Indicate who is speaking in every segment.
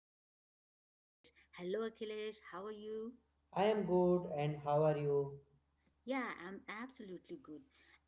Speaker 1: co host, Akhilesh. Hello, Akhilesh. How are you?
Speaker 2: I am good, and how are you?
Speaker 1: Yeah, I'm absolutely good.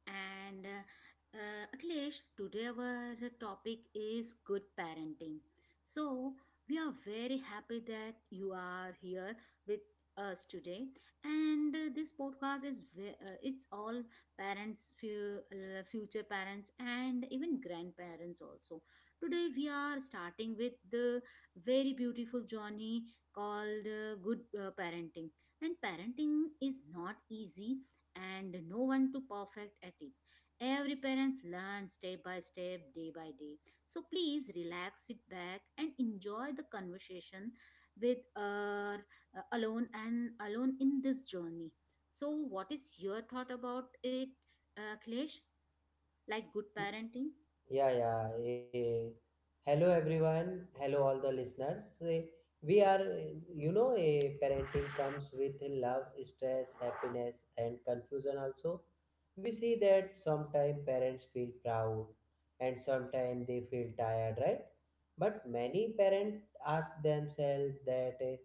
Speaker 1: And Akhilesh, today our topic is good parenting. So we are very happy that you are here with us today. And this podcast it's all parents, future parents, and even grandparents also. Today we are starting with the very beautiful journey called good parenting. And parenting is not easy and no one to perfect at it. Every parents learn step by step, day by day. So please relax, sit back, and enjoy the conversation with our alone and alone in this journey. So, what is your thought about it, Klesh? Like good parenting?
Speaker 2: Yeah, yeah. eh, Hello, everyone. Hello, all the listeners. Eh, we are, eh, you know, eh, Parenting comes with love, stress, happiness, and confusion also. We see that sometimes parents feel proud and sometimes they feel tired, right? But many parents ask themselves that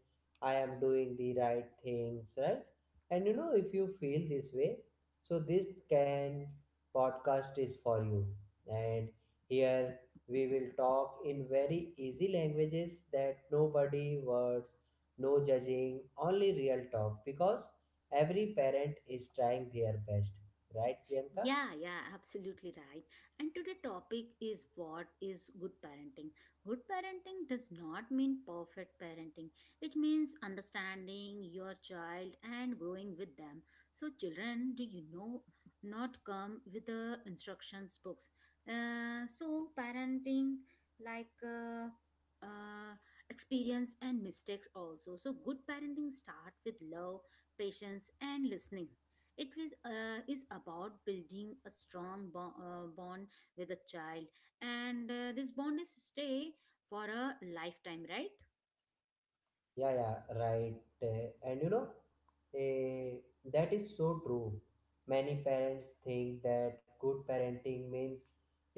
Speaker 2: I am doing the right things, right? And you know, if you feel this way, so this can podcast is for you. And here we will talk in very easy languages that nobody words, no judging, only real talk because every parent is trying their best. Right, Priyanka?
Speaker 1: Yeah, yeah, absolutely right. And today topic is what is good parenting. Good parenting does not mean perfect parenting. It means understanding your child and growing with them. So children, do you know not come with the instructions books. So parenting like uh, experience and mistakes also. So good parenting start with love, patience and listening is about building a strong bond with a child, and this bond is stay for a lifetime, right?
Speaker 2: Yeah, yeah, right. And Eh, that is so true. Many parents think that good parenting means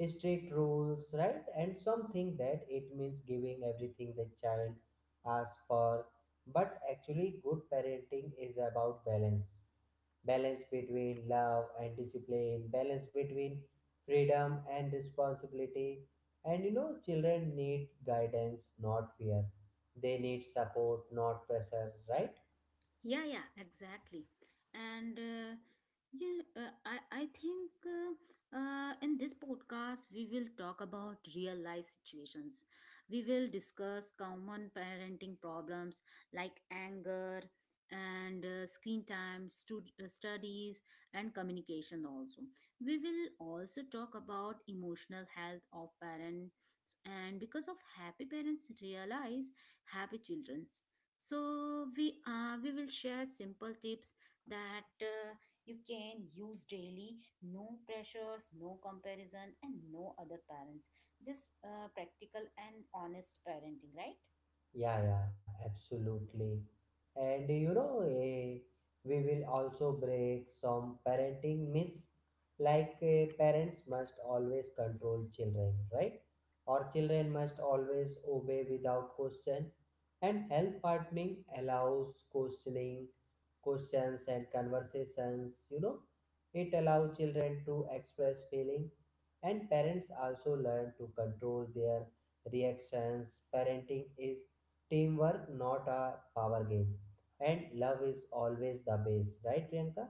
Speaker 2: strict rules, right? And some think that it means giving everything the child asks for. But actually, good parenting is about balance balance between love and discipline, balance between freedom and responsibility. And you know, children need guidance, not fear. They need support, not pressure, right?
Speaker 1: Yeah, yeah, exactly. And, yeah, I think in this podcast, we will talk about real life situations. We will discuss common parenting problems like anger and screen time, studies, and communication also. We will also talk about emotional health of parents, and because of happy parents realize happy children. So we will share simple tips that you can use daily. No pressures, no comparison, and no other parents, just practical and honest parenting, right?
Speaker 2: Yeah, yeah, absolutely. And we will also break some parenting myths like parents must always control children, right? Or children must always obey without question. And health partnering allows questioning, questions and conversations, you know. It allows children to express feeling and parents also learn to control their reactions. Parenting is teamwork, not a power game. And love is always the base, right, Priyanka?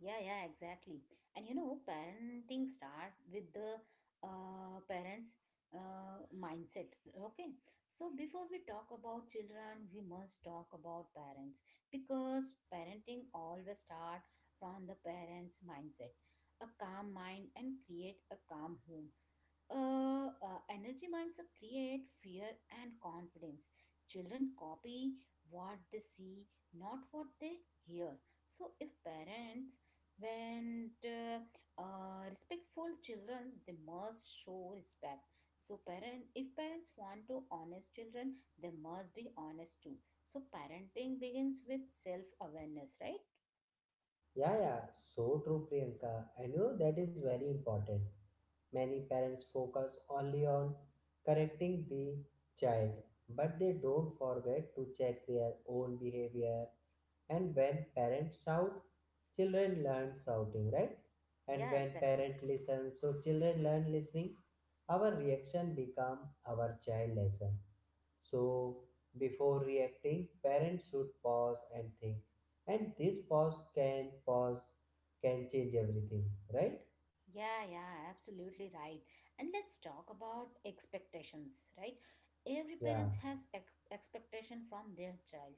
Speaker 1: Yeah, yeah, exactly. And parenting start with the parents' mindset. Okay, so before we talk about children, we must talk about parents, because parenting always start from the parents' mindset. A calm mind and create a calm home. Energy minds are create fear and confidence. Children copy what they see, not what they hear. So if parents when respectful children, they must show respect. So parent if parents want to honest children, they must be honest too. So parenting begins with self awareness, right?
Speaker 2: Yeah, yeah, so true, Priyanka. And you know that is very important. Many parents focus only on correcting the child, but they don't forget to check their own behavior. And when parents shout, children learn shouting, right? And
Speaker 1: Yeah,
Speaker 2: when
Speaker 1: exactly.
Speaker 2: parent listens, so children learn listening. Our reaction become our child lesson. So, before reacting, parents should pause and think. And this pause can change everything, right?
Speaker 1: Yeah, yeah, absolutely right. And let's talk about expectations, right? Every
Speaker 2: Yeah,
Speaker 1: parent has expectation from their child,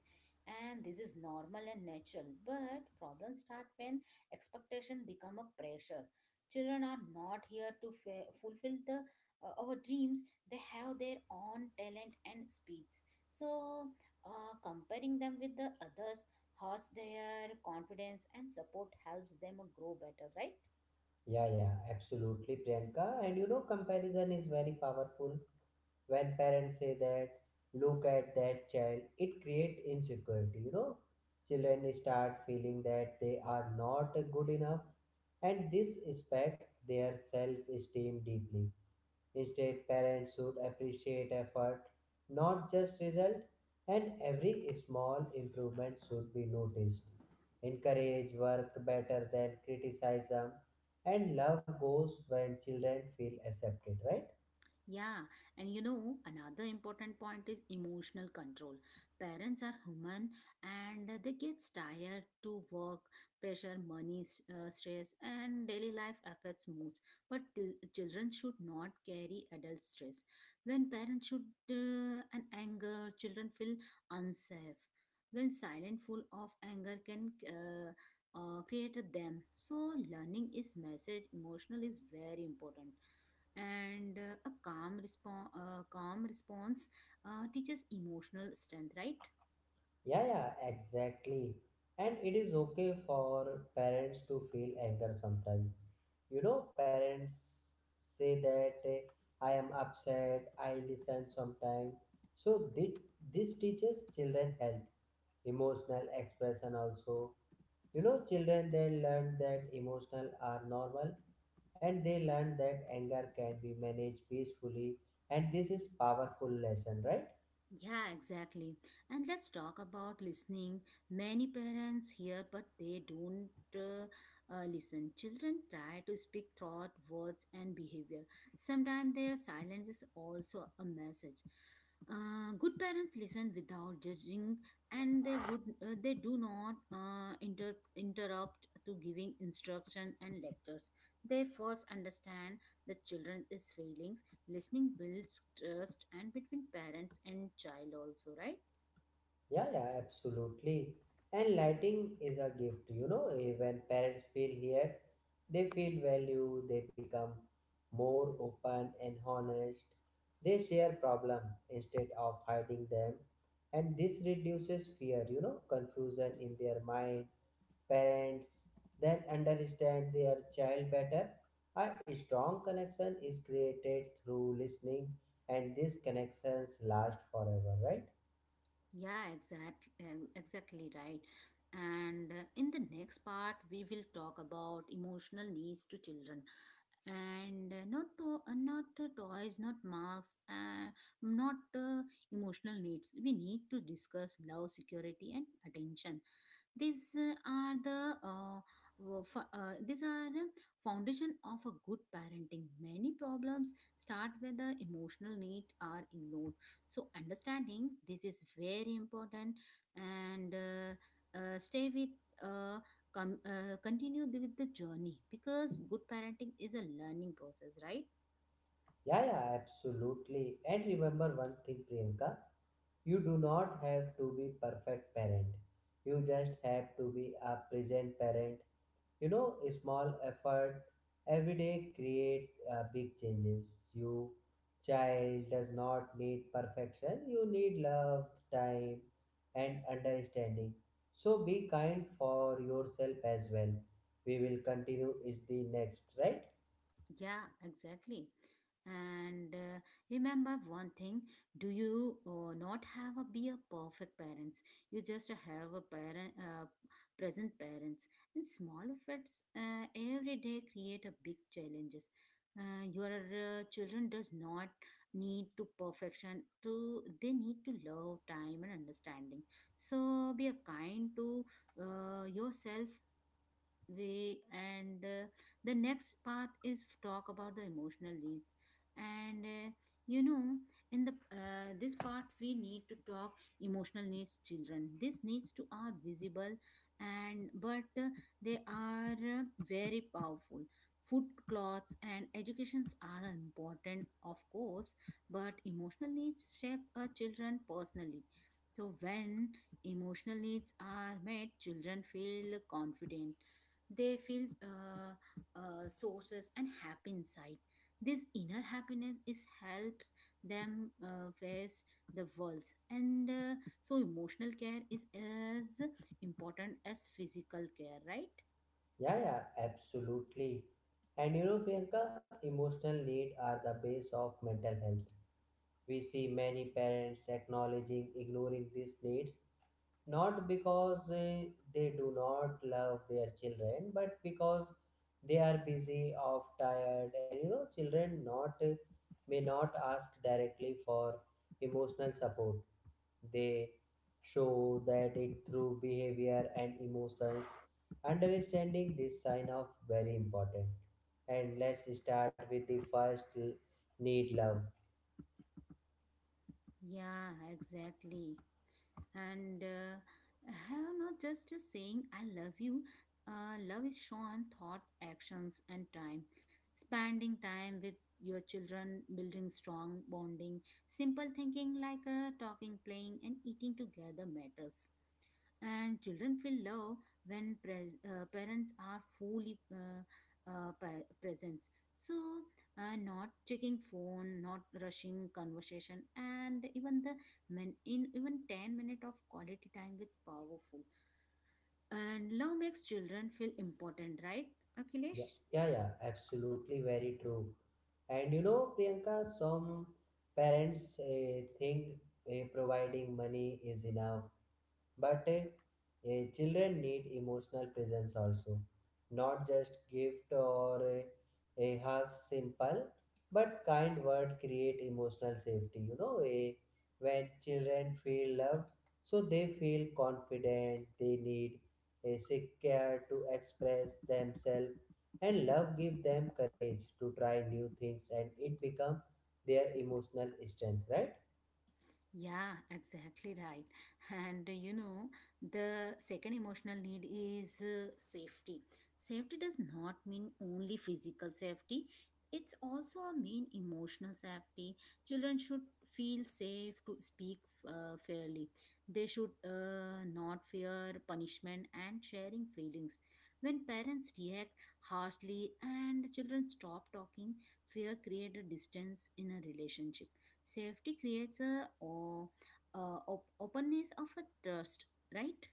Speaker 1: and this is normal and natural. But problems start when expectation become a pressure. Children are not here to fulfill the our dreams. They have their own talent and speeds. So, comparing them with the others hurts their confidence, and support helps them grow better, right?
Speaker 2: yeah, absolutely, Priyanka. And you know, comparison is very powerful. When parents say that, look at that child, it creates insecurity. You know, children start feeling that they are not good enough, and this affects their self-esteem deeply. Instead, parents should appreciate effort, not just result, and every small improvement should be noticed. Encourage work better than criticism, and love goes when children feel accepted, right?
Speaker 1: Yeah, and another important point is emotional control. Parents are human and they get tired to work, pressure, money, stress, and daily life affects moods. But children should not carry adult stress. When parents should and anger, children feel unsafe. When silent, full of anger can create them. So learning is message. Emotional is very important, and a calm response teaches emotional strength, right?
Speaker 2: Yeah, yeah, exactly. And it is okay for parents to feel anger sometimes. You know, parents say that I am upset, I listen sometimes. So, this teaches children health emotional expression also. You know, children they learn that emotional are normal, and they learn that anger can be managed peacefully, and this is powerful lesson, right?
Speaker 1: Yeah, exactly. And let's talk about listening. Many parents hear, but they don't uh, listen. Children try to speak thought, words, and behavior. Sometimes their silence is also a message. Good parents listen without judging, and they do not interrupt to giving instruction and lectures. They first understand the children's feelings. Listening builds trust and between parents and child also, right?
Speaker 2: Yeah, yeah, absolutely. And lighting is a gift, you know. When parents feel here, they feel value, they become more open and honest. They share problem instead of hiding them, and this reduces fear, you know, confusion in their mind. Parents then understand their child better. A strong connection is created through listening, and these connections last forever, right?
Speaker 1: Yeah, exactly right. And in the next part, we will talk about emotional needs to children, and not not toys, not marks, not emotional needs. We need to discuss love, security, and attention. These are the wo- fo- these are foundation of a good parenting. Many problems start with the emotional need are ignored. So understanding this is very important, and stay with. Uh, Continue with the journey, because good parenting is a learning process, right?
Speaker 2: Yeah, yeah, absolutely. And remember one thing, Priyanka, you do not have to be perfect parent. You just have to be a present parent. You know, a small effort every day create big changes. You child does not need perfection, you need love, time, and understanding. So be kind for yourself as well. We will continue is the next, right?
Speaker 1: Yeah, exactly. And remember one thing, do you not have a be a perfect parents? You just have a parent present parents, and small efforts every day create a big challenges. Your children does not need to perfection to they need to love time and understanding. So be a kind to yourself way. And the next path is talk about the emotional needs. And uh, you know, in the this part we need to talk emotional needs children, these needs too are visible, and but they are very powerful. Food, clothes and educations are important, of course, but emotional needs shape a children personally. So when emotional needs are met, children feel confident. They feel sources and happy inside. This inner happiness is helps them face the worlds, and so emotional care is as important as physical care, right?
Speaker 2: Yeah, yeah, absolutely. And you know, Priyanka, emotional need are the base of mental health. We see many parents acknowledging ignoring these needs, not because they do not love their children, but because they are busy or tired. And you know, children not may not ask directly for emotional support. They show that it through behavior and emotions. Understanding this sign of very important. And let's start with the first need, love.
Speaker 1: Yeah, exactly. And have not just a saying I love you. Love is shown thought, actions, and time. Spending time with your children, building strong bonding, simple thinking like talking, playing, and eating together matters. And children feel love when pres parents are fully present. So, not checking phone, not rushing conversation, and even the men in even 10 minute of quality time with powerful. And love makes children feel important, right,
Speaker 2: Yeah,
Speaker 1: Akhilesh?
Speaker 2: yeah, absolutely very true. And you know, Priyanka, some parents think providing money is enough. But children need emotional presence also, not just gift or a hug, simple but kind word create emotional safety. You know, when children feel loved, so they feel confident. They need a secure to express themselves, and love give them courage to try new things, and it become their emotional strength, right?
Speaker 1: Yeah, exactly right. And the second emotional need is safety. Safety does not mean only physical safety, it's also a mean emotional safety. Children should feel safe to speak fairly. They should not fear punishment and sharing feelings. When parents react harshly and children stop talking, fear creates a distance in a relationship. Safety creates a, o- a op- openness of a trust, right?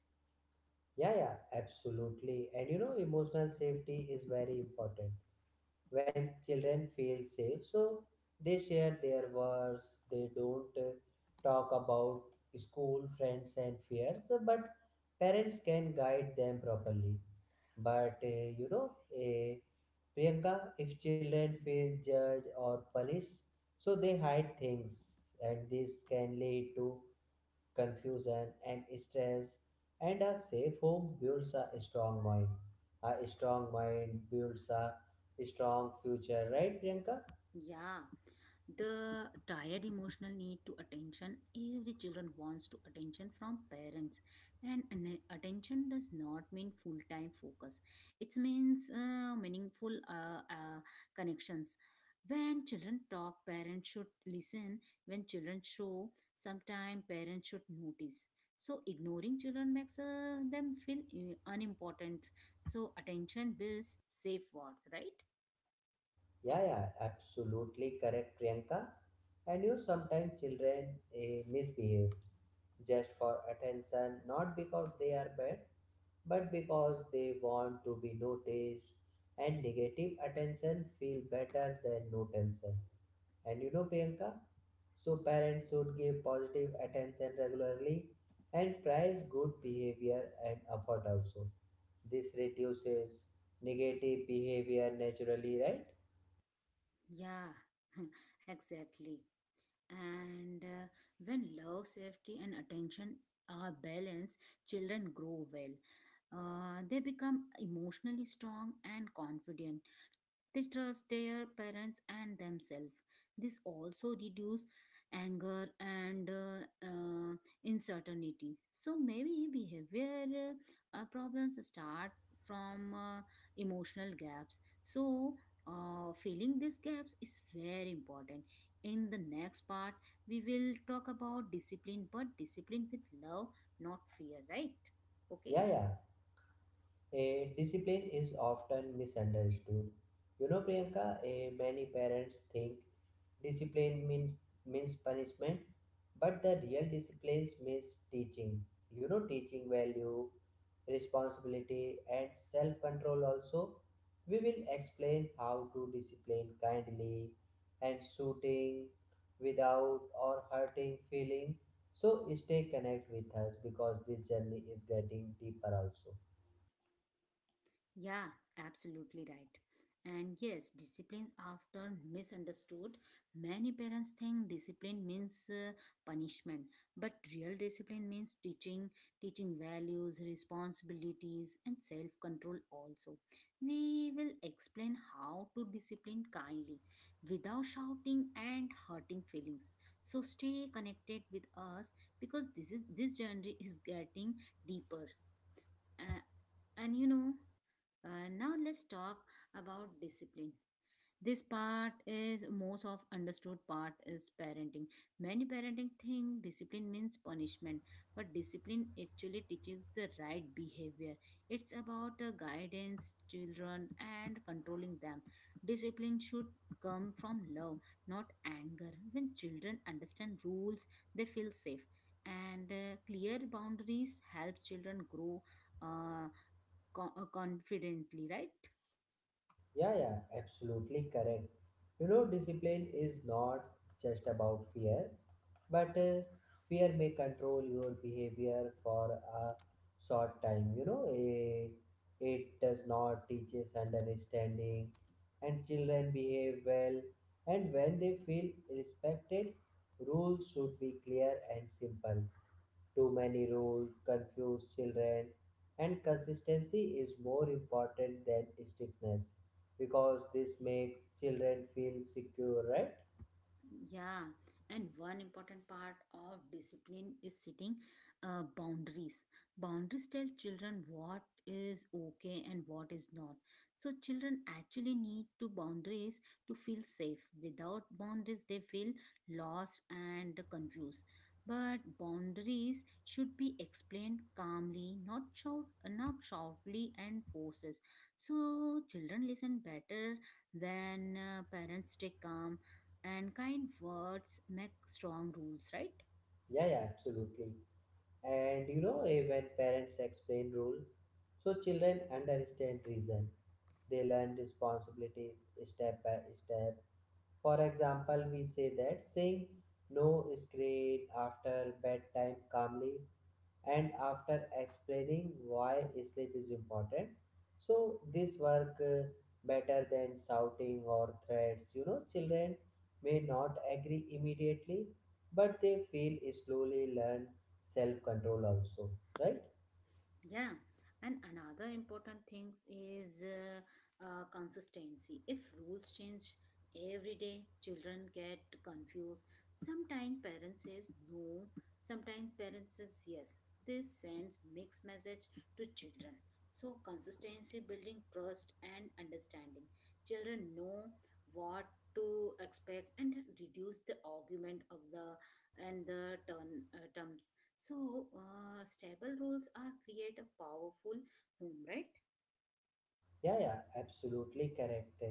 Speaker 2: Yeah, yeah, absolutely. And you know, emotional safety is very important. When children feel safe, so they share their worries, they don't talk about school, friends, and fears, but parents can guide them properly. But uh, Priyanka, if children feel judged or punished, so they hide things, and this can lead to confusion, and stress. And a safe home builds a strong mind. A strong mind builds a strong future, right, Priyanka?
Speaker 1: Yeah, the tired emotional need to attention. Every children wants to attention from parents, and attention does not mean full time focus. It means meaningful connections. When children talk, parents should listen. When children show sometimes, parents should notice. So ignoring children makes them feel unimportant. So attention builds safe worth, right?
Speaker 2: Yeah, yeah, absolutely correct, Priyanka. And you sometimes children misbehave just for attention, not because they are bad, but because they want to be noticed. And negative attention feel better than no tension. And you know, Priyanka, so parents should give positive attention regularly and praise good behavior and effort also. This reduces negative behavior naturally, right?
Speaker 1: Yeah, exactly. And when love, safety and attention are balanced, children grow well. They become emotionally strong and confident. They trust their parents and themselves. This also reduces anger and uncertainty. So maybe behavior problems start from emotional gaps. So filling these gaps is very important. In the next part, we will talk about discipline, but discipline with love, not fear, right?
Speaker 2: Yeah,
Speaker 1: Okay.
Speaker 2: yeah. A discipline is often misunderstood. You know, Priyanka, a, many parents think discipline means punishment, but the real discipline means teaching. You know, teaching value, responsibility, and self control also. We will explain how to discipline kindly and suiting without or hurting feeling. So stay connect with us because this journey is getting deeper also.
Speaker 1: Yeah, absolutely right. And yes, disciplines often misunderstood. Many parents think discipline means punishment, but real discipline means teaching, teaching values, responsibilities, and self control also. We will explain how to discipline kindly without shouting and hurting feelings. So stay connected with us, because this journey is getting deeper. Uh, and now let's talk about discipline. This part is most of understood part is parenting. Many parenting think discipline means punishment, but discipline actually teaches the right behavior. It's about guidance children and controlling them. Discipline should come from love, not anger. When children understand rules, they feel safe, and clear boundaries help children grow uh, confidently, right?
Speaker 2: Yeah, yeah, absolutely correct. You know, discipline is not just about fear, but fear may control your behavior for a short time. You know, it does not teaches understanding, and children behave well, and when they feel respected, rules should be clear and simple. Too many rules confuse children, and consistency is more important than strictness because this make children feel secure, right?
Speaker 1: Yeah, and one important part of discipline is setting boundaries. Boundaries tell children what is okay and what is not. So, children actually need to boundaries to feel safe. Without boundaries, they feel lost and confused. But boundaries should be explained calmly, not shout, not shoutly and forces. So children listen better when parents stay calm, and kind words make strong rules, right?
Speaker 2: Yeah, yeah, absolutely. And you know, when parents explain rule, so children understand reason. They learn responsibilities step by step. For example, we say that saying no is great after bedtime calmly and after explaining why sleep is important. So this work better than shouting or threats. You know, children may not agree immediately, but they feel slowly learn self control also, right?
Speaker 1: Yeah, and another important thing is consistency. If rules change every day, children get confused. Sometimes parents says no, sometimes parents says yes. This sends mixed message to children. So consistency building trust and understanding. Children know what to expect and reduce the argument of the and the turn terms. So, stable rules are create a powerful home, right?
Speaker 2: Yeah, yeah, absolutely correct.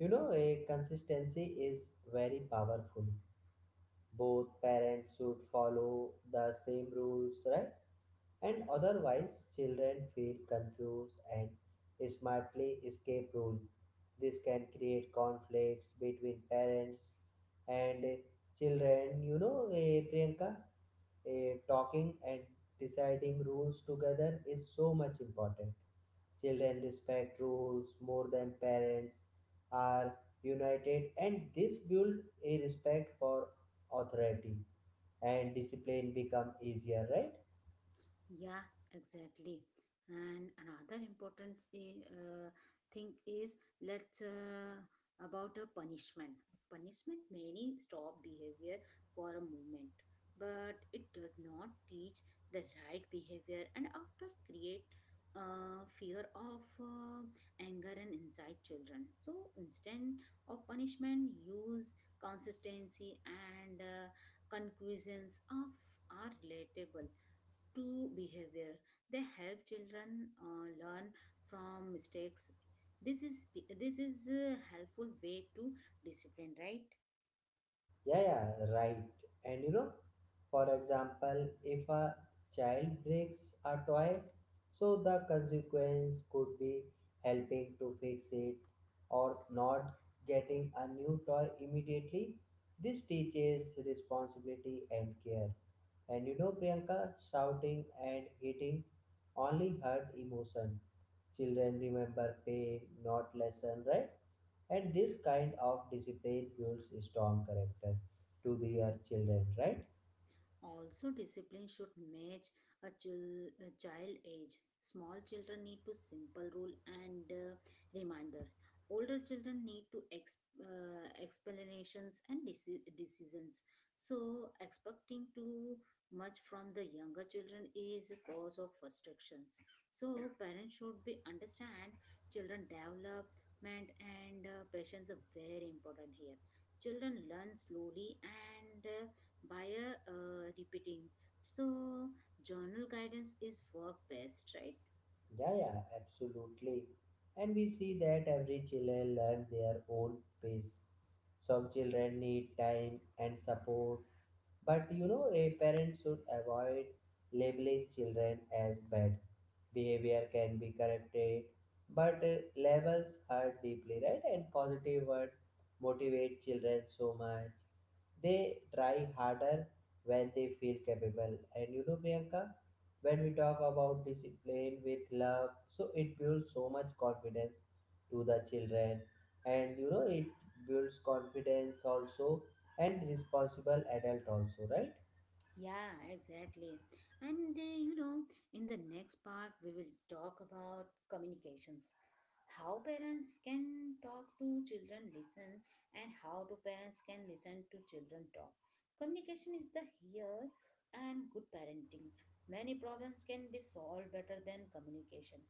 Speaker 2: You know, a consistency is very powerful. Both parents should follow the same rules, right? And otherwise children feel confused and smartly escape rule. This can create conflicts between parents and children. You know, Priyanka, talking and deciding rules together is so much important. Children respect rules more than parents are united, and this build a respect for authority and discipline become easier, right?
Speaker 1: Yeah, exactly. And another important thing is let's about a punishment. Punishment many stop behavior for a moment, but it does not teach the right behavior, and after create fear of anger and inside children. So instead of punishment, use consistency and conclusions of are relatable to behavior. They help children learn from mistakes. This is a helpful way to discipline, right?
Speaker 2: Yeah, yeah, right. And you know, for example, if a child breaks a toy, so the consequence could be helping to fix it or not getting a new toy immediately. This teaches responsibility and care. And you know, Priyanka, shouting and hitting only hurt emotion. Children remember pain, not lesson, right? And
Speaker 1: Yeah.
Speaker 2: this kind of discipline builds strong character to their children, right?
Speaker 1: Also, discipline should match a child age. Small children need to simple rule and reminders. Older children need to explanations and decisions. So, expecting too much from the younger children is a cause of frustrations. So, parents should be understand children development and patience are very important here. Children learn slowly and by a repeating. So journal guidance is work best, right?
Speaker 2: Yeah, yeah, absolutely. And we see that every children learn their own pace. Some children need time and support. But you know, a parent should avoid labeling children as bad. Behavior can be corrected, but labels hurt deeply, right? And positive words motivate children so much. They try harder when they feel capable. And you know, Priyanka, when we talk about discipline with love, so it builds so much confidence to the children. And you know, it builds confidence also and responsible adult also, right?
Speaker 1: Yeah, exactly. And in the next part, we will talk about communications how parents can talk to children, listen, and how do parents can listen to children talk. Communication is the here and good parenting. Many problems can be solved better than communication.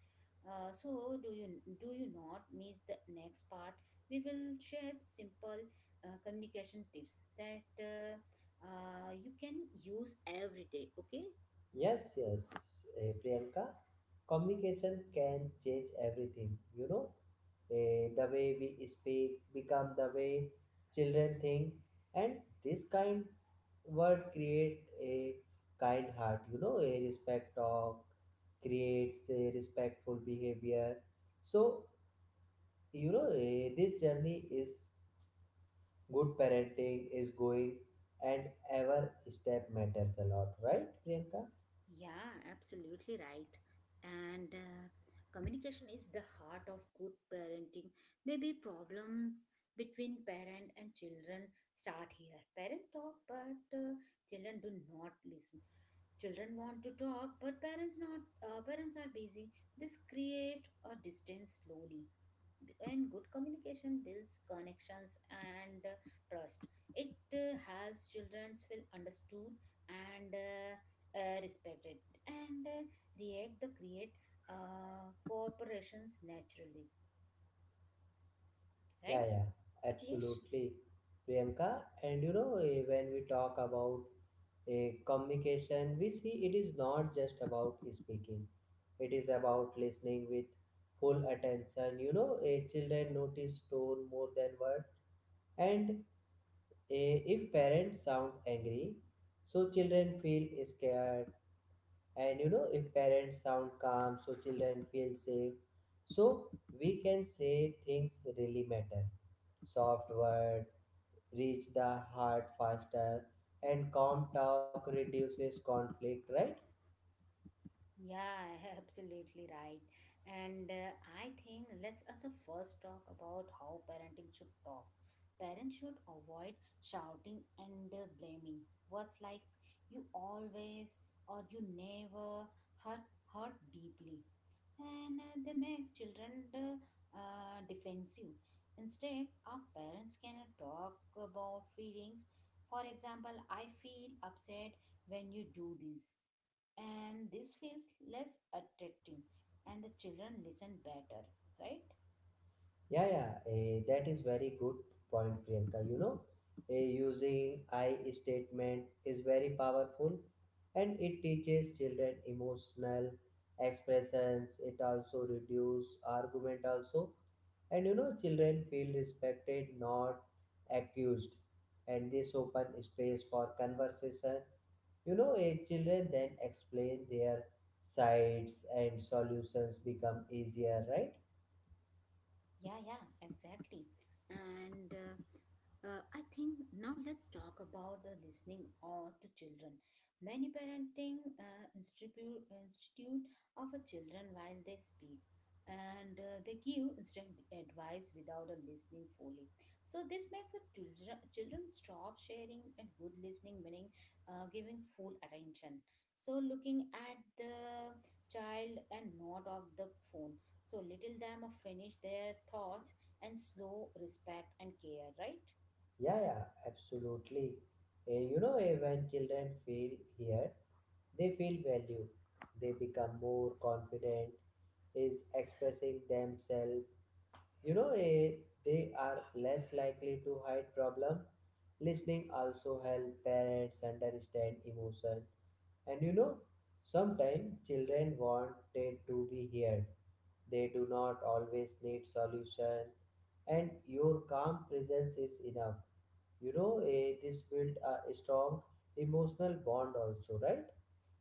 Speaker 1: So do you not miss the next part? We will share simple communication tips that. You can use every day, okay?
Speaker 2: Yes, yes. Priyanka, communication can change everything, you know. The way we speak become the way children think. And this kind word create a kind heart. You know, a respect talk creates a respectful behavior. So you know, this journey is good parenting is going, and every step matters a lot, right, Priyanka?
Speaker 1: Yeah, absolutely right. And communication is the heart of good parenting. Maybe problems between parent and children start here, parent talk but children do not listen, children want to talk but parents not, parents are busy, this create a distance slowly. And good communication builds connections and trust. It helps children feel understood and respected, and react the create cooperations naturally,
Speaker 2: Yeah,
Speaker 1: right,
Speaker 2: yeah,
Speaker 1: Akhilesh?
Speaker 2: absolutely, Priyanka. And you know, when we talk about a communication, we see it is not just about speaking, it is about listening with full attention. You know, a children notice tone more than word. And if parents sound angry, so children feel scared. And you know, if parents sound calm, so children feel safe. So we can say things really matter. Soft word reach the heart faster, and calm talk reduces conflict, right?
Speaker 1: Yeah, absolutely right. And I think let's also first talk about how parenting should talk. Parents should avoid shouting and blaming. Words like you always or you never hurt hurt deeply, and they make children defensive. Instead, our parents can talk about feelings. For example, I feel upset when you do this, and this feels less attractive, and the children listen better, right?
Speaker 2: Yeah, yeah, that is very good point, Priyanka. You know, using I statement is very powerful, and it teaches children emotional expressions. It also reduces argument also. And you know, children feel respected, not accused, and this open space for conversation. You know, children then explain their sides and solutions become easier, right?
Speaker 1: Yeah, yeah, exactly. And I think now let's talk about the listening or to children. Many parenting institute offer children while they speak, and they give instant advice without a listening fully. So this makes the children stop sharing, and good listening, meaning giving full attention. So looking at the child and not of the phone, so little them of finish their thoughts and slow respect and care, right?
Speaker 2: Yeah, yeah, absolutely. When children feel here, they feel valued. They become more confident, is expressing themselves. You know, they are less likely to hide problem. Listening also help parents understand emotion. And you know, sometimes children wanted to be heard. They do not always need solution. And your calm presence is enough. You know, this build a strong emotional bond also, right?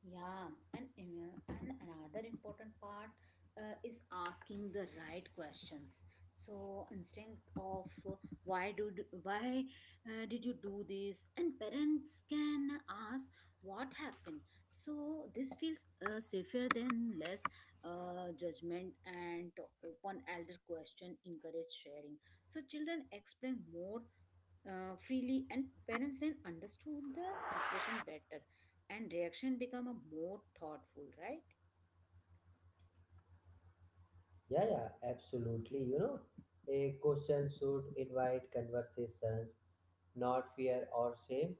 Speaker 1: Yeah, and, and another important part is asking the right questions. So instinct of why did you do this, and parents can ask what happened. So this feels safer than less judgment, and open elder question encourage sharing. So children explain more freely, and parents then understood the situation better and reaction become a more thoughtful, right?
Speaker 2: Yeah, yeah, absolutely. You know, a question should invite conversations, not fear or shame.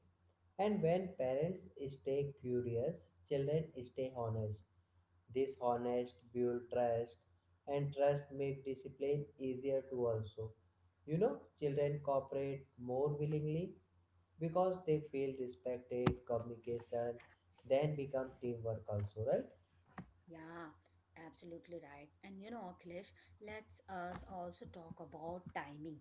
Speaker 2: And when parents stay curious, children stay honest. This honest build trust, and trust make discipline easier to also. You know, children cooperate more willingly because they feel respected. Communication then become teamwork also, right?
Speaker 1: Yeah, absolutely right. And you know, Akhilesh, let's us also talk about timing.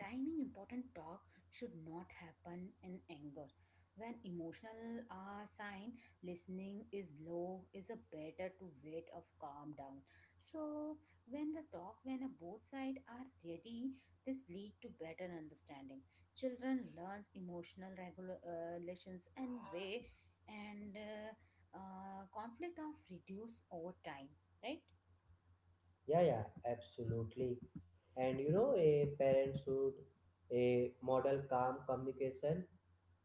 Speaker 1: Timing important talk should not happen in anger, when emotional are sign listening is low, is a better to wait of calm down. So when the talk, when a both side are ready, this lead to better understanding. Children learns emotional relations and way, and conflict of reduce over time, right?
Speaker 2: Yeah, yeah, absolutely. And you know, a parenthood, a model calm communication.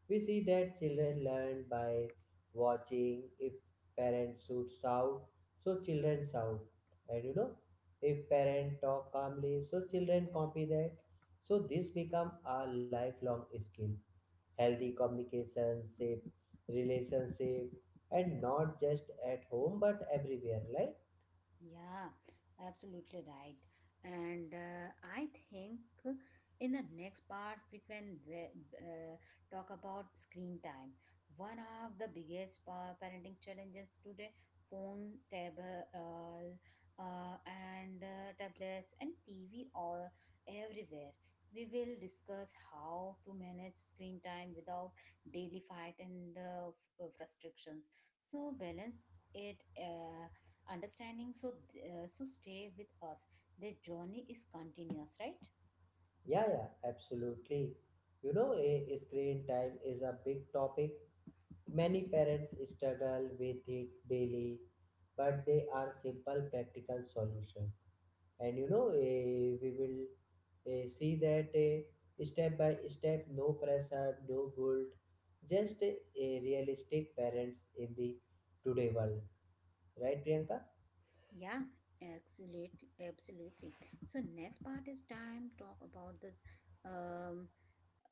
Speaker 2: We see that children learn by watching. If parents should shout, so children shout. And you know, if parents talk calmly, so children copy that. So this become a lifelong skill. Healthy communication, safe relationship, and not just at home but everywhere, right?
Speaker 1: Yeah, absolutely right. And I think in the next part we can talk about screen time. One of the biggest parenting challenges today: phone, table, and tablets and TV all everywhere. We will discuss how to manage screen time without daily fight and frustrations. So balance it. Understanding, so stay with us, their journey is continuous, right?
Speaker 2: Yeah, yeah, absolutely. You know, a screen time is a big topic. Many parents struggle with it daily, but they are simple practical solution. And you know, we will see that step by step, no pressure, no guilt, just a realistic parents in the today world, right, Priyanka?
Speaker 1: Yeah, absolutely, absolutely. So next part is time talk about the. um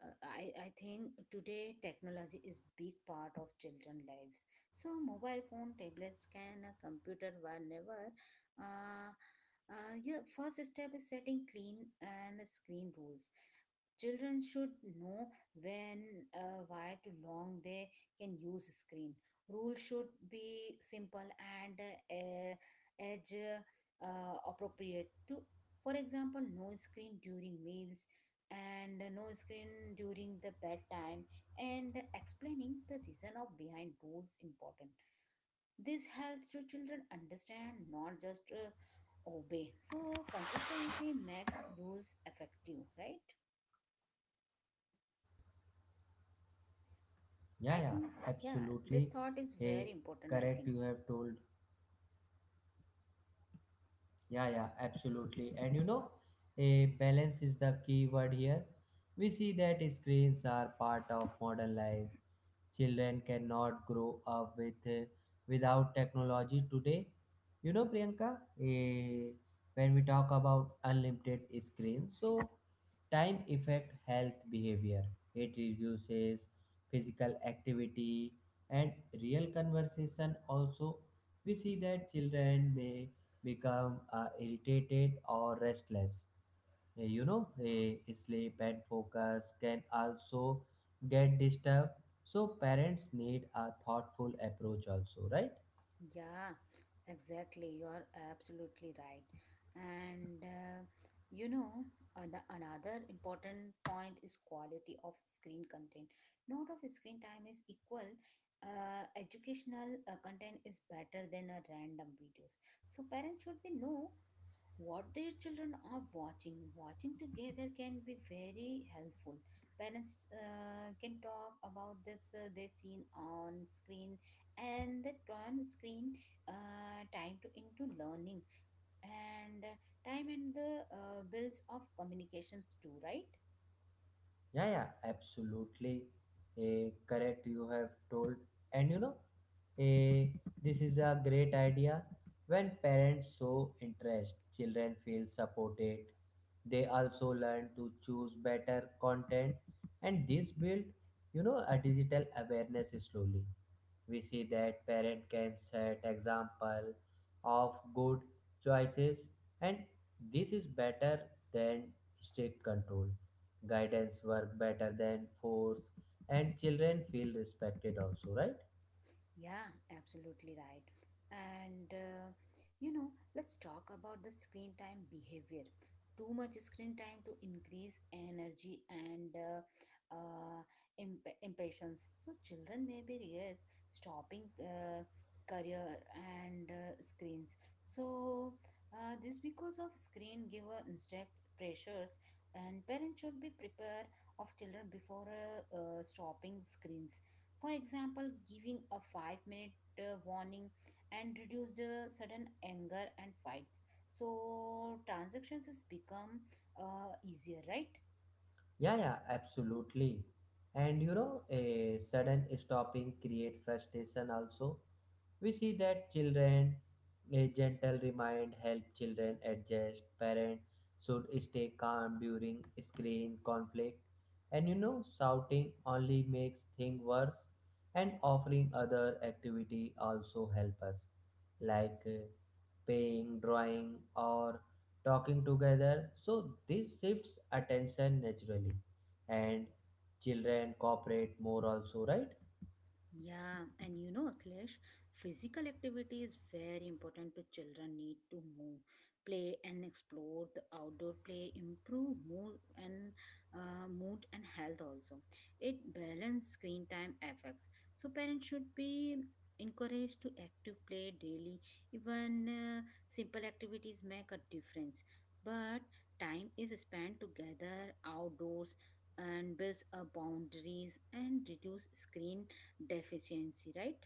Speaker 1: uh, I, I think today technology is big part of children lives, so mobile phone tablets can a computer whenever, uh, yeah, first step is setting clean and screen rules. Children should know when, why to long they can use screen. Rules should be simple and age appropriate to, for example, no screen during meals and no screen during the bedtime. And explaining the reason of behind rules important, this helps to children understand not just obey, so consistency makes rules effective, right?
Speaker 2: Yeah,
Speaker 1: I
Speaker 2: yeah,
Speaker 1: think, yeah, this
Speaker 2: absolutely.
Speaker 1: thought is
Speaker 2: eh,
Speaker 1: very important, I
Speaker 2: Correct.
Speaker 1: think.
Speaker 2: You have told. Yeah, yeah, absolutely. And you know, a balance is the key word here. We see that screens are part of modern life. Children cannot grow up with without technology today. You know, Priyanka, eh, when we talk about unlimited screens, so time affect health behavior. It reduces physical activity and real conversation. Also, we see that children may become irritated or restless. You know, sleep and focus can also get disturbed, so parents need a thoughtful approach also, right?
Speaker 1: Yeah, exactly. You are absolutely right. And you know, the another important point is quality of screen content. Not of screen time is equal. Educational content is better than a random videos. So parents should be know what their children are watching. Watching together can be very helpful. Parents can talk about this they seen on screen, and they turn screen time to into learning and time and the bills of communications too, right?
Speaker 2: Yeah, yeah, absolutely, correct. You have told, and you know, eh, this is a great idea. When parents show interest, children feel supported. They also learn to choose better content, and this build, you know, a digital awareness slowly. We see that parent can set example of good choices, and this is better than strict control. Guidance work better than force, and children feel respected also, right?
Speaker 1: Yeah, absolutely right. And you know, let's talk about the screen time behavior. Too much screen time to increase energy and uh, impatience. So children may be stopping career and screens. So this because of screen giver instruct pressures, and parents should be prepared of children before stopping screens. For example, giving a 5-minute warning and reduce the sudden anger and fights. So transactions has become easier, right?
Speaker 2: Yeah, yeah, absolutely. And you know, a sudden stopping create frustration also. We see that children, a gentle remind help children adjust. Parent should stay calm during screen conflict, and you know, shouting only makes thing worse. And offering other activity also help us, like paying, drawing, or talking together. So this shifts attention naturally, and children cooperate more also, right?
Speaker 1: Yeah, and you know, Akhilesh, physical activity is very important to children need to move, play and explore the outdoor play, improve mood and health also. It balance screen time effects. So parents should be encouraged to active play daily. Even simple activities make a difference. But time is spent together outdoors and builds a boundaries and reduce screen deficiency, right?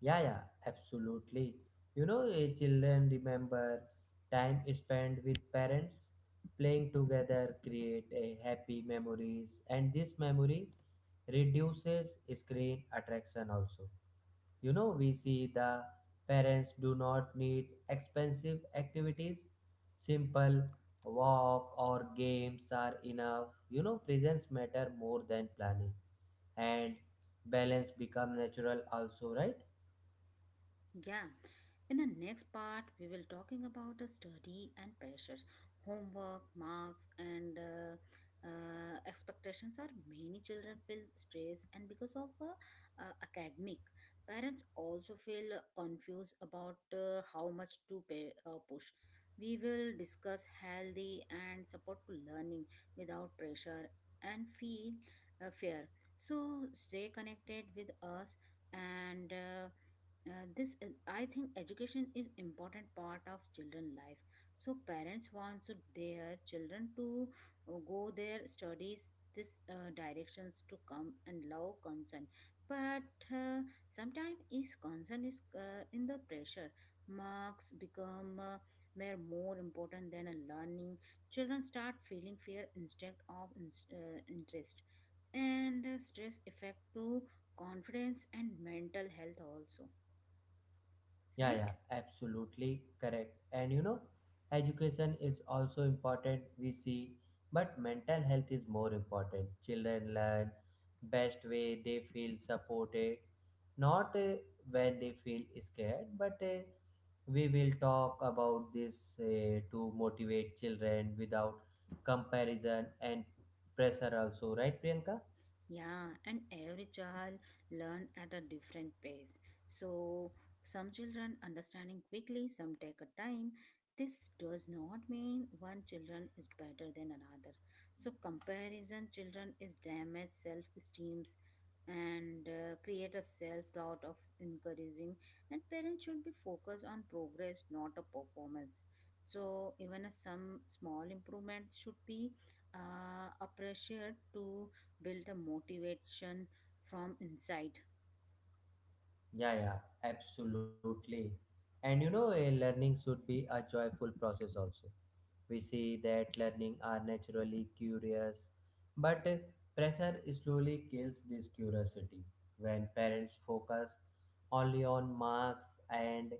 Speaker 2: Yeah, yeah, absolutely. You know, children remember time spent with parents, playing together, create a happy memories, and this memory reduces screen attraction also. You know, we see the parents do not need expensive activities. Simple walk or games are enough. You know, presence matter more than planning, and balance become natural also, right?
Speaker 1: Yeah, in the next part, we will talking about the study and pressures, homework, marks, and expectations are many children feel stress and because of academic. Parents also feel confused about how much to pay, push. We will discuss healthy and support to learning without pressure and feel fair. So stay connected with us and. This I think education is important part of children life, so parents want so their children to go their studies, this directions to come and love concern, but sometimes is concern is in the pressure. Marks become mere more important than a learning. Children start feeling fear instead of ins interest, and stress affect to confidence and mental health also,
Speaker 2: Yeah, yeah,
Speaker 1: right?
Speaker 2: absolutely correct. And you know, education is also important, we see, but mental health is more important. Children learn best way they feel supported, not when they feel scared, but we will talk about this to motivate children without comparison and pressure also, right, Priyanka?
Speaker 1: Yeah, and every child learn at a different pace. So some children understanding quickly, some take a time. This does not mean one children is better than another. So comparison children is damage self-esteems and create a self-doubt of encouraging. And parents should be focused on progress, not a performance. So even a some small improvement should be appreciated to build a motivation from inside.
Speaker 2: Yeah, yeah, absolutely. And you know, learning should be a joyful process also. We see that learning are naturally curious, but pressure slowly kills this curiosity. When parents focus only on marks and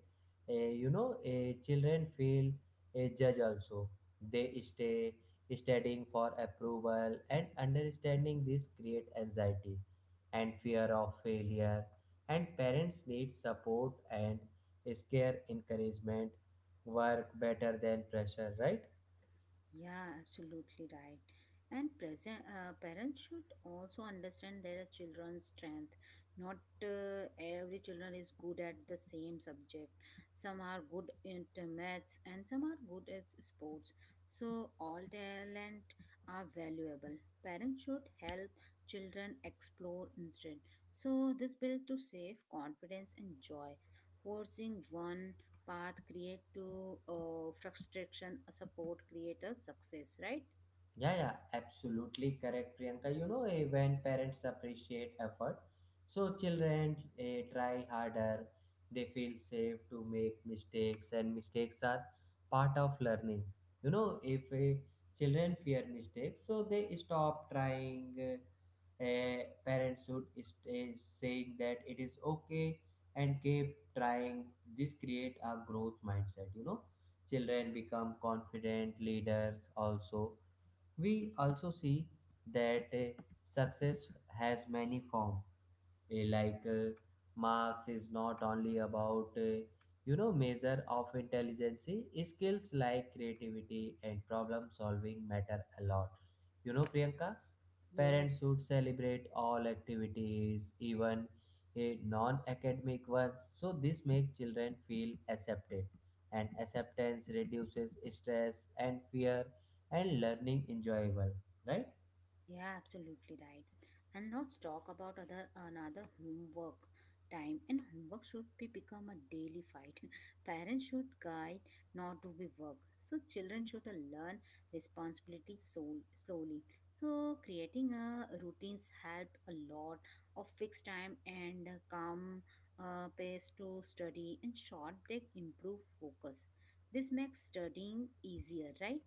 Speaker 2: you know, children feel a judge also. They stay studying for approval and understanding. This create anxiety and fear of failure, and parents need support, and scare encouragement work better than pressure, right?
Speaker 1: Yeah, absolutely right. And present parents should also understand their children's strength. Not every children is good at the same subject. Some are good at maths and some are good at sports. So all talent are valuable. Parents should help children explore instead. So this builds to save confidence and joy. Forcing one path create to frustration, support creators success, right?
Speaker 2: Yeah, yeah, absolutely correct, Priyanka. You know, when parents appreciate effort, so children try harder. They feel safe to make mistakes, and mistakes are part of learning. You know, if children fear mistakes, so they stop trying. Eh, Parents should is saying that it is okay and keep trying. This create a growth mindset. You know, children become confident leaders also. We also see that success has many forms. Like marks is not only about you know, measure of intelligence. Skills like creativity and problem solving matter a lot, you know, Priyanka.
Speaker 1: Yes.
Speaker 2: Parents should celebrate all activities, even a non-academic ones, so this makes children feel accepted, and acceptance reduces stress and fear, and learning enjoyable, right?
Speaker 1: Yeah, absolutely right. And let's talk about other another homework time. And homework should be become a daily fight. Parents should guide, not to be work. So children should learn responsibility so slowly. So creating a routines help a lot of fixed time and a calm pace to study, and short break improve focus. This makes studying easier, right?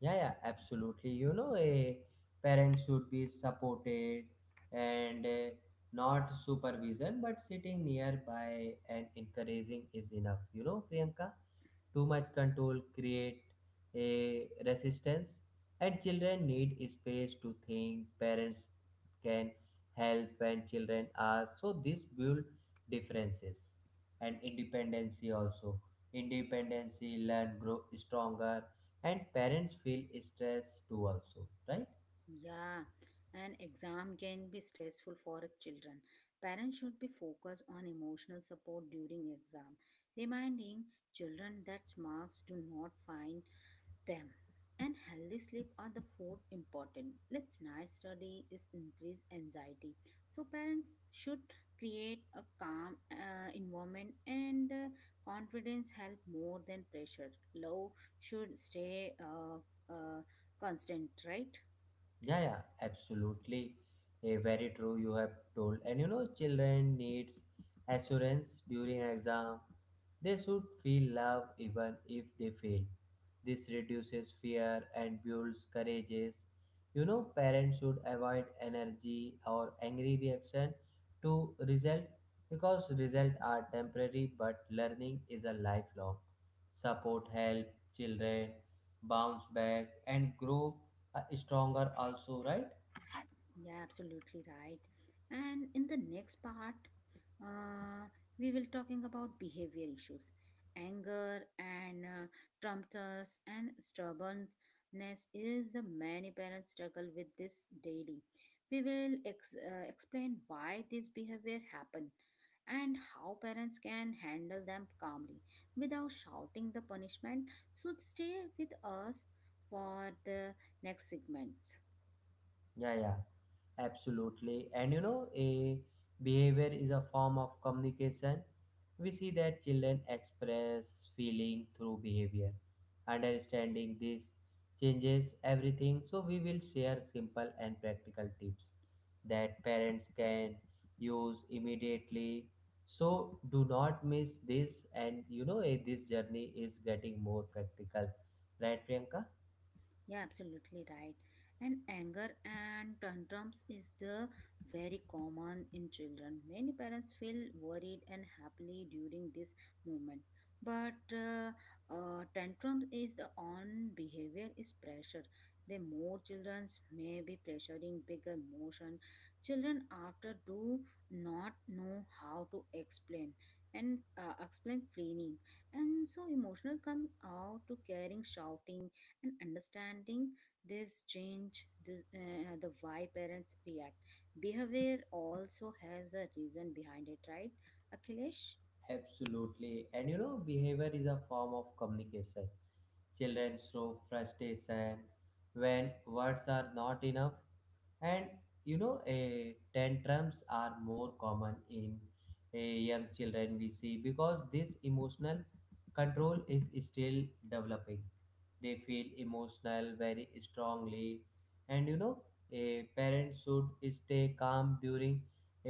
Speaker 2: Yeah, yeah, absolutely. You know, a parent should be supported, and not supervision, but sitting nearby and encouraging is enough. You know, Priyanka, too much control create a resistance, and children need space to think. Parents can help when children ask. So this build differences and independency also. Independency learn grow stronger, and parents feel stress too also, right?
Speaker 1: Yeah, an exam can be stressful for children. Parents should be focused on emotional support during exam, reminding children that marks do not find them. And healthy sleep are the fourth important. Let's night study is increase anxiety. So parents should create a calm environment and confidence help more than pressure. Love should stay uh, constant, right?
Speaker 2: Yeah, yeah, absolutely. A very true you have told. And you know, children needs assurance during exam. They should feel love even if they fail. This reduces fear and builds courageous. You know, parents should avoid energy or angry reaction to result, because results are temporary but learning is a lifelong. Support help children bounce back and grow stronger also, right?
Speaker 1: Yeah, absolutely right. And in the next part, uh, we will talking about behavior issues, anger and tantrums and stubbornness is the many parents struggle with this daily. We will explain why this behavior happen and how parents can handle them calmly without shouting the punishment. So stay with us for the next segment.
Speaker 2: Yeah, yeah, absolutely. And you know, a behavior is a form of communication. We see that children express feeling through behavior. Understanding this changes everything. So we will share simple and practical tips that parents can use immediately, so do not miss this. And you know, this journey is getting more practical, right, Priyanka?
Speaker 1: Yeah, absolutely right. And anger and tantrums is the very common in children. Many parents feel worried and happily during this moment. But tantrums is the on behavior is pressure. The more children may be pressuring big emotion, children after do not know how to explain feeling, and so emotional come out to caring, shouting. And understanding this change this, the why parents react behavior also has a reason behind it, right, Akhilesh?
Speaker 2: Absolutely. And you know, behavior is a form of communication. Children show frustration when words are not enough. And you know, tantrums are more common in eh, young children, we see, because this emotional control is still developing. They feel emotional very strongly. And you know, a parent should stay calm during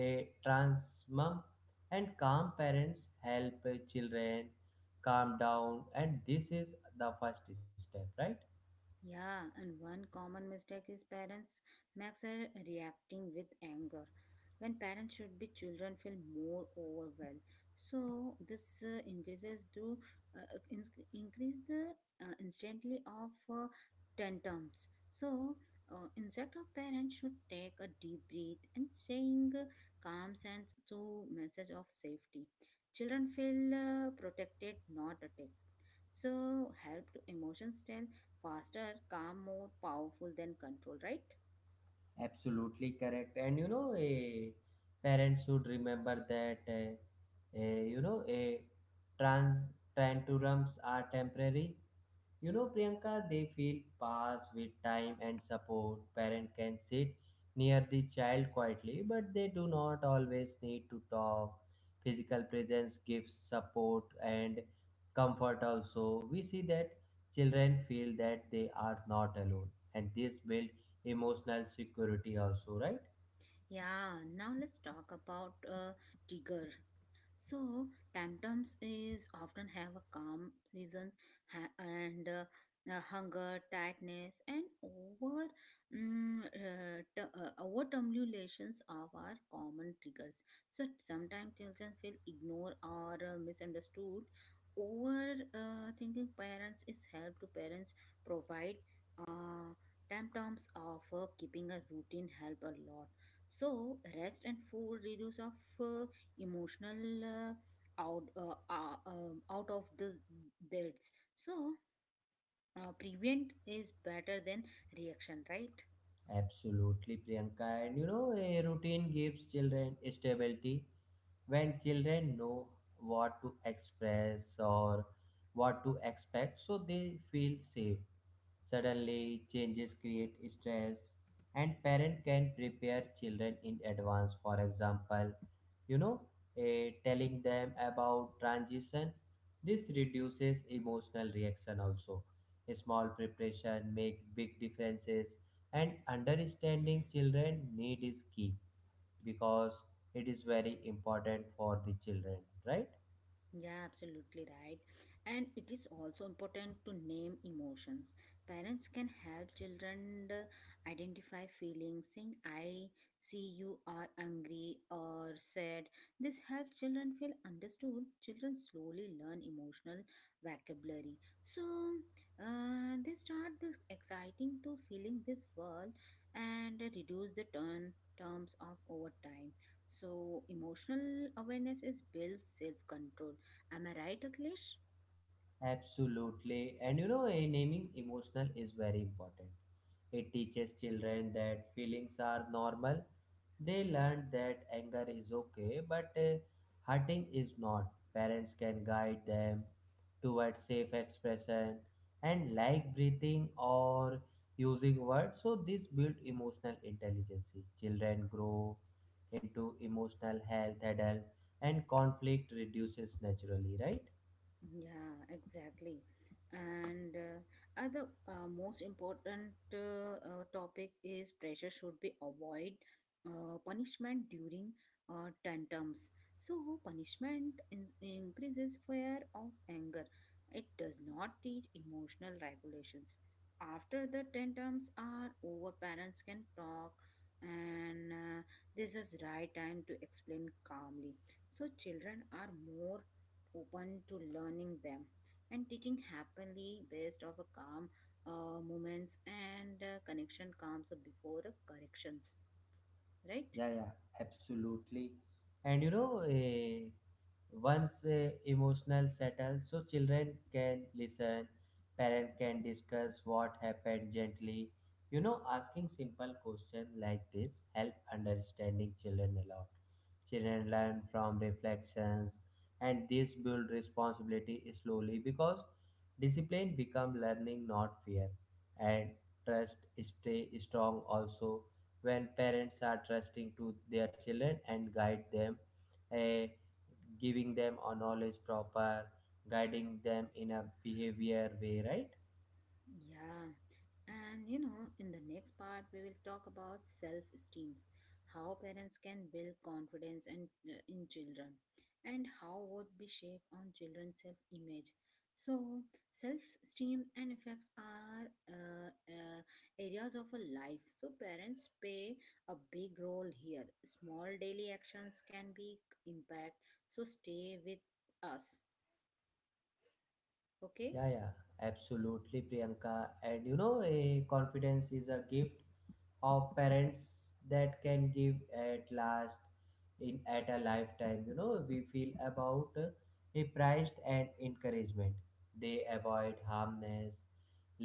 Speaker 2: a transmum, and calm parents help children calm down, and this is the first step, right?
Speaker 1: Yeah, and one common mistake is parents max are reacting with anger when parents should be children feel more overwhelmed. So this increases to uh, uh, in- increase the instantly of tantrums. So instead of parents should take a deep breath and saying calm sense to message of safety. Children feel protected, not attacked. So, help to emotion stand faster, calm, more powerful than control, right?
Speaker 2: Absolutely correct. And you know, a parents should remember that you know, a trans tantrums are temporary. You know, Priyanka, they feel pass with time and support. Parent can sit near the child quietly, but they do not always need to talk. Physical presence gives support and comfort also. We see that children feel that they are not alone, and this build emotional security also, right?
Speaker 1: Yeah, now let's talk about trigger. So, tantrums is often have a calm reason and hunger, tightness, and over terminations of our common triggers. So sometimes children feel ignored or misunderstood. Over thinking parents is help to parents provide uh, tantrums of keeping a routine help a lot. So rest and food reduce of uh, emotional out of the beds, so prevent is better than reaction, right?
Speaker 2: Absolutely, Priyanka. And you know, a routine gives children stability. When children know what to express or what to expect, so they feel safe. Suddenly changes create stress, and parent can prepare children in advance, for example, you know, telling them about transition. This reduces emotional reaction also. A small preparation make big differences, and understanding children need is key, because it is very important for the children, right?
Speaker 1: Yeah, absolutely right. And it is also important to name emotions. Parents can help children identify feelings, saying, I see you are angry or sad. This helps children feel understood. Children slowly learn emotional vocabulary. So they start this exciting to feeling this world and reduce the turn terms of over time, so emotional awareness is builds self control. Am I right, Akhilesh?
Speaker 2: Absolutely. And you know, a naming emotional is very important. It teaches children that feelings are normal. They learn that anger is okay, but hurting is not. Parents can guide them towards safe expression, and like breathing or using words, so this build emotional intelligence. Children grow into emotional health adult, and conflict reduces naturally, right?
Speaker 1: Yeah, exactly. And other most important topic is pressure should be avoid punishment during tantrums. So punishment increases fear of anger. It does not teach emotional regulations. After the tantrums are over, parents can talk, and this is right time to explain calmly. So children are more open to learning them, and teaching happily based of a calm moments, and connection comes before corrections, right?
Speaker 2: Yeah, yeah, absolutely. And you know, once emotional settles, so children can listen, parent can discuss what happened gently. You know, asking simple questions like this help understanding children a lot. Children learn from reflections, and this build responsibility slowly, because discipline become learning, not fear, and trust stay strong also when parents are trusting to their children and guide them, eh, giving them a knowledge proper, guiding them in a behavior way, right?
Speaker 1: Yeah, and you know, in the next part, we will talk about self esteems, how parents can build confidence and in children, and how would be shaped on children's self image. So, self esteem and effects are areas of a life. So, parents play a big role here. Small daily actions can be impact. So, stay with us. Okay.
Speaker 2: Yeah, yeah, absolutely, Priyanka. And you know, a confidence is a gift of parents that can give at last in at a lifetime. You know, we feel about a priced and encouragement. They avoid harmless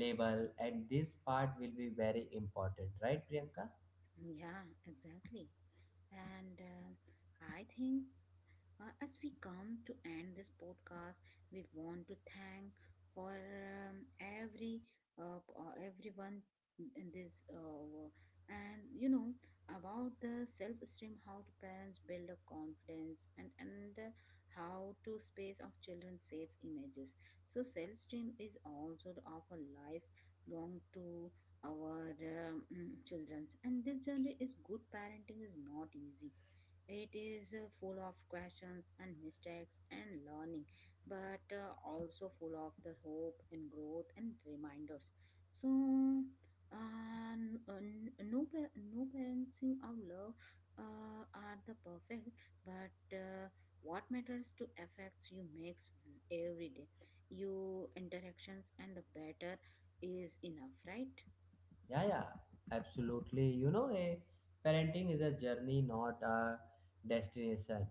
Speaker 2: label, and this part will be very important, right, Priyanka?
Speaker 1: Yeah, exactly. And I think as we come to end this podcast, we want to thank for every everyone in this and you know about the self-esteem, how do parents build up confidence, and how to space of children safe images. So self-esteem is also of a life long to our children's, and this journey is good parenting is not easy. It is full of questions and mistakes and learning, but also full of the hope and growth and reminders. So, no, no parenting of love are the perfect, but what matters to affects you makes every day. You interactions and the better is enough, right?
Speaker 2: Yeah, yeah, absolutely. You know, a parenting is a journey, not a destination.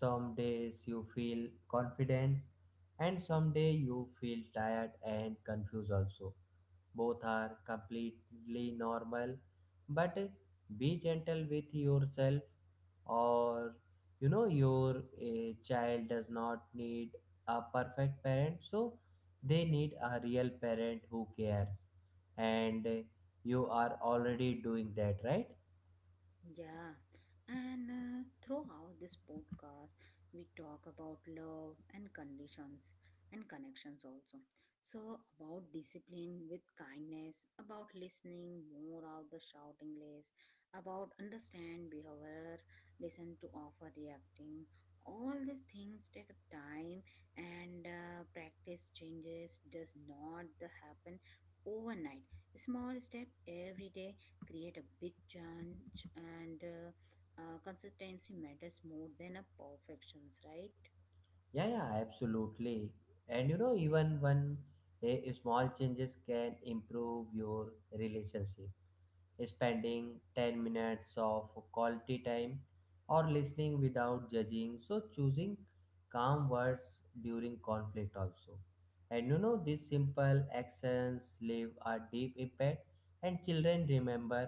Speaker 2: Some days you feel confidence, and some day you feel tired and confused also. Both are completely normal, but be gentle with yourself. Or you know, your child does not need a perfect parent, so they need a real parent who cares, and you are already doing that, right?
Speaker 1: Yeah, and throughout this podcast, we talk about love and conditions and connections also. So, about discipline with kindness, about listening more of the shouting less, about understand behavior, listen to offer reacting. All these things take time, and practice changes does not the happen overnight. Small step every day create a big change, and consistency matters more than a perfections, right?
Speaker 2: Yeah, yeah, absolutely. And you know, even one a small changes can improve your relationship. Spending 10 minutes of quality time or listening without judging, so choosing calm words during conflict also. And you know, these simple actions leave a deep impact, and children remember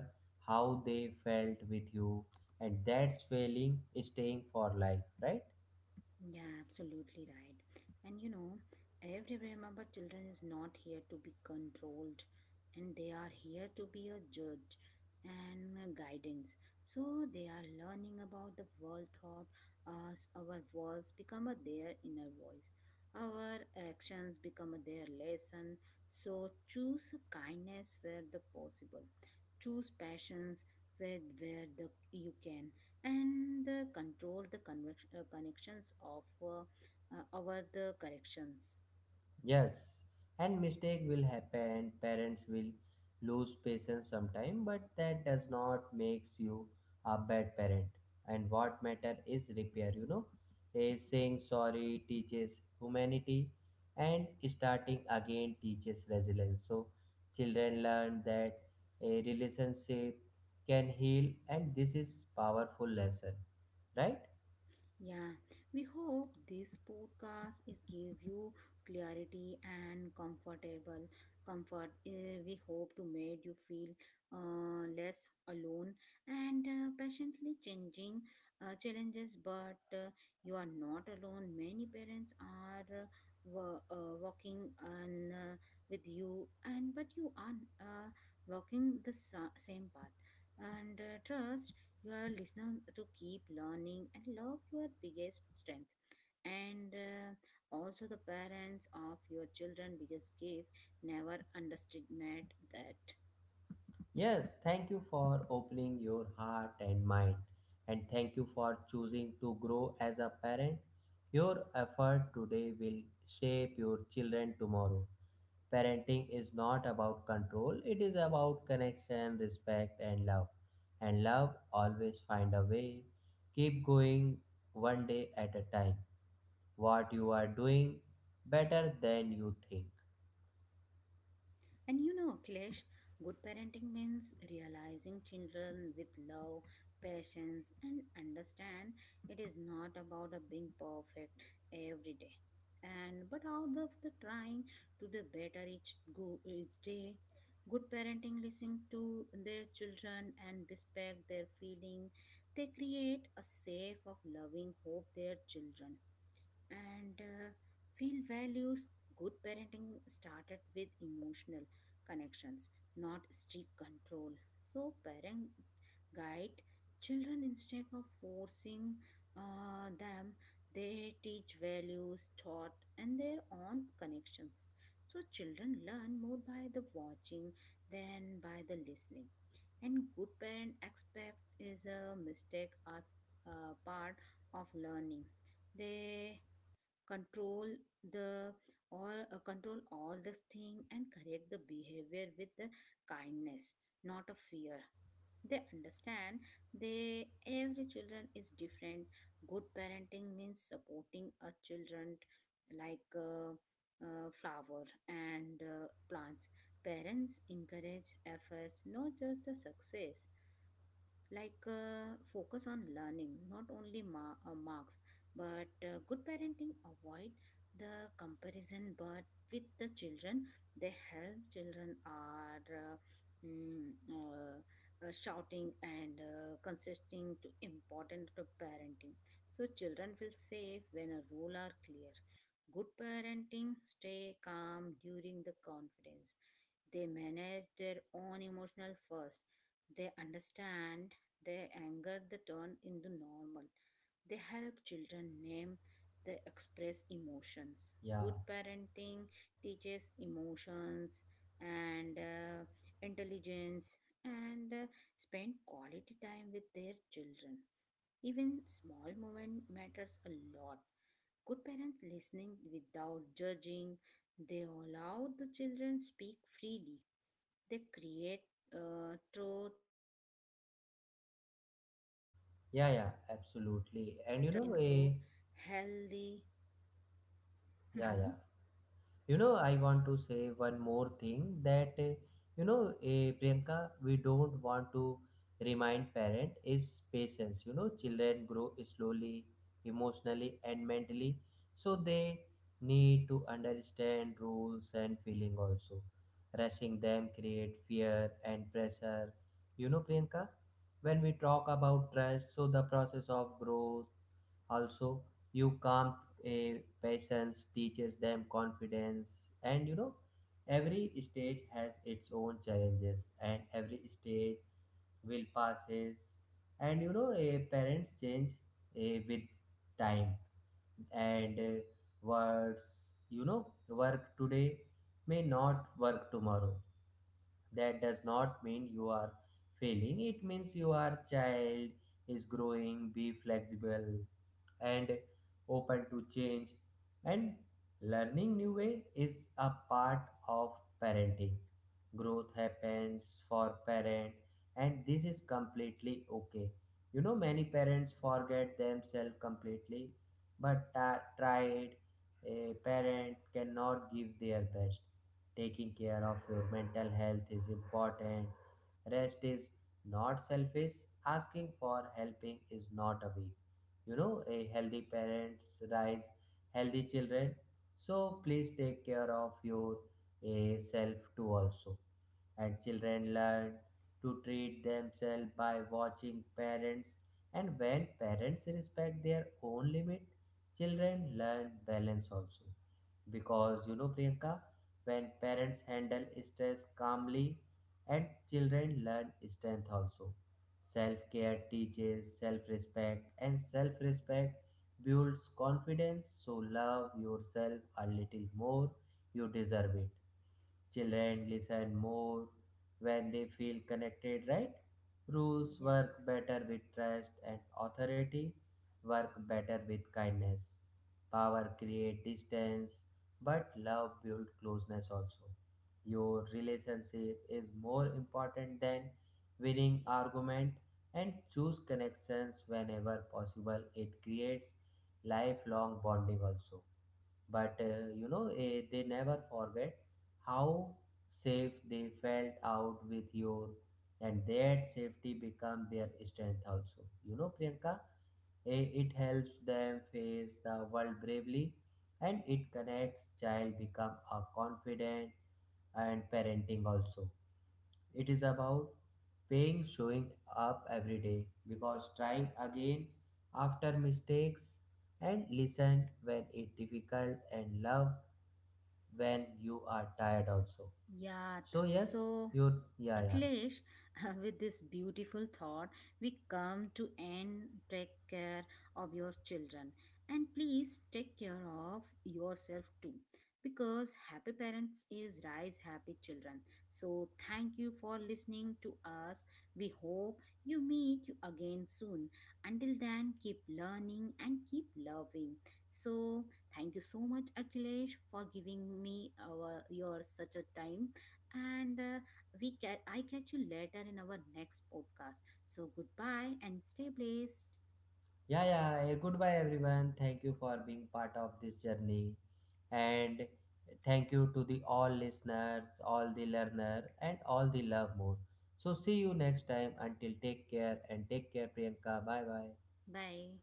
Speaker 2: how they felt with you, and that's failing staying for life, right?
Speaker 1: Yeah, absolutely right. And you know, every remember children is not here to be controlled, and they are here to be a judge and a guidance. So they are learning about the world thought as our walls become a their inner voice. Our actions become a their lesson. So choose kindness where the possible. Choose passions where the you can, and control the connections of over the corrections.
Speaker 2: Yes, and mistake will happen. Parents will lose patience sometime, but that does not makes you a bad parent. And what matter is repair. You know, a saying sorry teaches humanity, and starting again teaches resilience. So children learn that a relationship can heal, and this is powerful lesson, right?
Speaker 1: Yeah, we hope this podcast is give you clarity and comfortable comfort. Eh, we hope to make you feel less alone and patiently changing challenges. But you are not alone. Many parents are working on with you, and but you are uh, walking the same path. And trust you are listening to keep learning and love your biggest strength, and also the parents of your children biggest gift. Never underestimate that.
Speaker 2: Yes, thank you for opening your heart and mind, and thank you for choosing to grow as a parent. Your effort today will shape your children tomorrow. Parenting is not about control, it is about connection, respect, and love. And love always find a way. Keep going one day at a time. What you are doing better than you think.
Speaker 1: And you know, Kilesh, good parenting means realizing children with love, patience, and understand. It is not about a being perfect every day. And but out of the trying to the better each go each day. Good parenting listen to their children and respect their feeling. They create a safe of loving hope their children, and feel values. Good parenting started with emotional connections, not strict control. So parent guide children instead of forcing them. They teach values thought and their own connections, so children learn more by the watching than by the listening. And good parent expect is a mistake are part of learning. They control the or control all this thing and correct the behavior with the kindness, not a fear. They understand they every children is different. Good parenting means supporting a children like flower and plants. Parents encourage efforts, not just the success, like focus on learning, not only marks. But good parenting avoid the comparison but with the children. They help children are shouting, and consisting to important to parenting. So children feel safe when a rule are clear. Good parenting stay calm during the confidence. They manage their own emotional first. They understand their anger they turn into normal. They help children name they express emotions.
Speaker 2: Yeah,
Speaker 1: Good parenting teaches emotions and intelligence, and spend quality time with their children. Even small moment matters a lot. Good parents listening without judging. They allow the children speak freely. They create truth. So
Speaker 2: yeah,
Speaker 1: good
Speaker 2: yeah,
Speaker 1: parenting
Speaker 2: absolutely. And
Speaker 1: include
Speaker 2: you know, a
Speaker 1: healthy.
Speaker 2: yeah, yeah. You know, I want to say one more thing that you know, Priyanka, we don't want to remind parent is patience. You know, children grow slowly, emotionally and mentally, so they need to understand rules and feeling also. Rushing them create fear and pressure. You know, Priyanka, when we talk about trust, so the process of growth also. You calm, a patience teaches them confidence. And you know, every stage has its own challenges, and every stage will passes. And you know, a parents change with time, and words, you know, work today may not work tomorrow. That does not mean you are failing, it means your child is growing. Be flexible and open to change, and learning new way is a part of parenting. Growth happens for parent, and this is completely okay. You know, many parents forget themselves completely. But tried a parent cannot give their best. Taking care of your mental health is important. Rest is not selfish. Asking for helping is not a weak. You know, a healthy parents rise healthy children, so please take care of your self too also. And children learn to treat themselves by watching parents, and when parents respect their own limit, children learn balance also. Because you know, Priyanka, when parents handle stress calmly, and children learn strength also. Self-care teaches self-respect, and self-respect builds confidence, so love yourself a little more. You deserve it. Children listen more when they feel connected, right? Rules
Speaker 1: Yeah.
Speaker 2: work better with trust, and authority work better with kindness. Power create distance, but love build closeness also. Your relationship is more important than winning argument, and choose connections whenever possible. It creates lifelong bonding also. But you know, they never forget how safe they felt out with your, and that safety become their strength also. You know, Priyanka, it helps them face the world bravely, and it connects child become a confident. And parenting also, it is about paying showing up every day, because trying again after mistakes, and listen when it difficult, and love when you are tired also.
Speaker 1: Yeah.
Speaker 2: So yes,
Speaker 1: So.
Speaker 2: you, yeah, yeah,
Speaker 1: Akhilesh, with this beautiful thought, we come to end. Take care of your children and please take care of yourself too, because happy parents is rise happy children. So, thank you for listening to us. We hope you meet you again soon. Until then, keep learning and keep loving. So, thank you so much, Akhilesh, for giving me our, your such a time, and we I catch you later in our next podcast. So goodbye and stay blessed.
Speaker 2: yeah, goodbye everyone. Thank you for being part of this journey, and thank you to the all listeners, all the learner, and all the love more. So see you next time. Until, take care and take care, Priyanka. Bye bye
Speaker 1: Bye.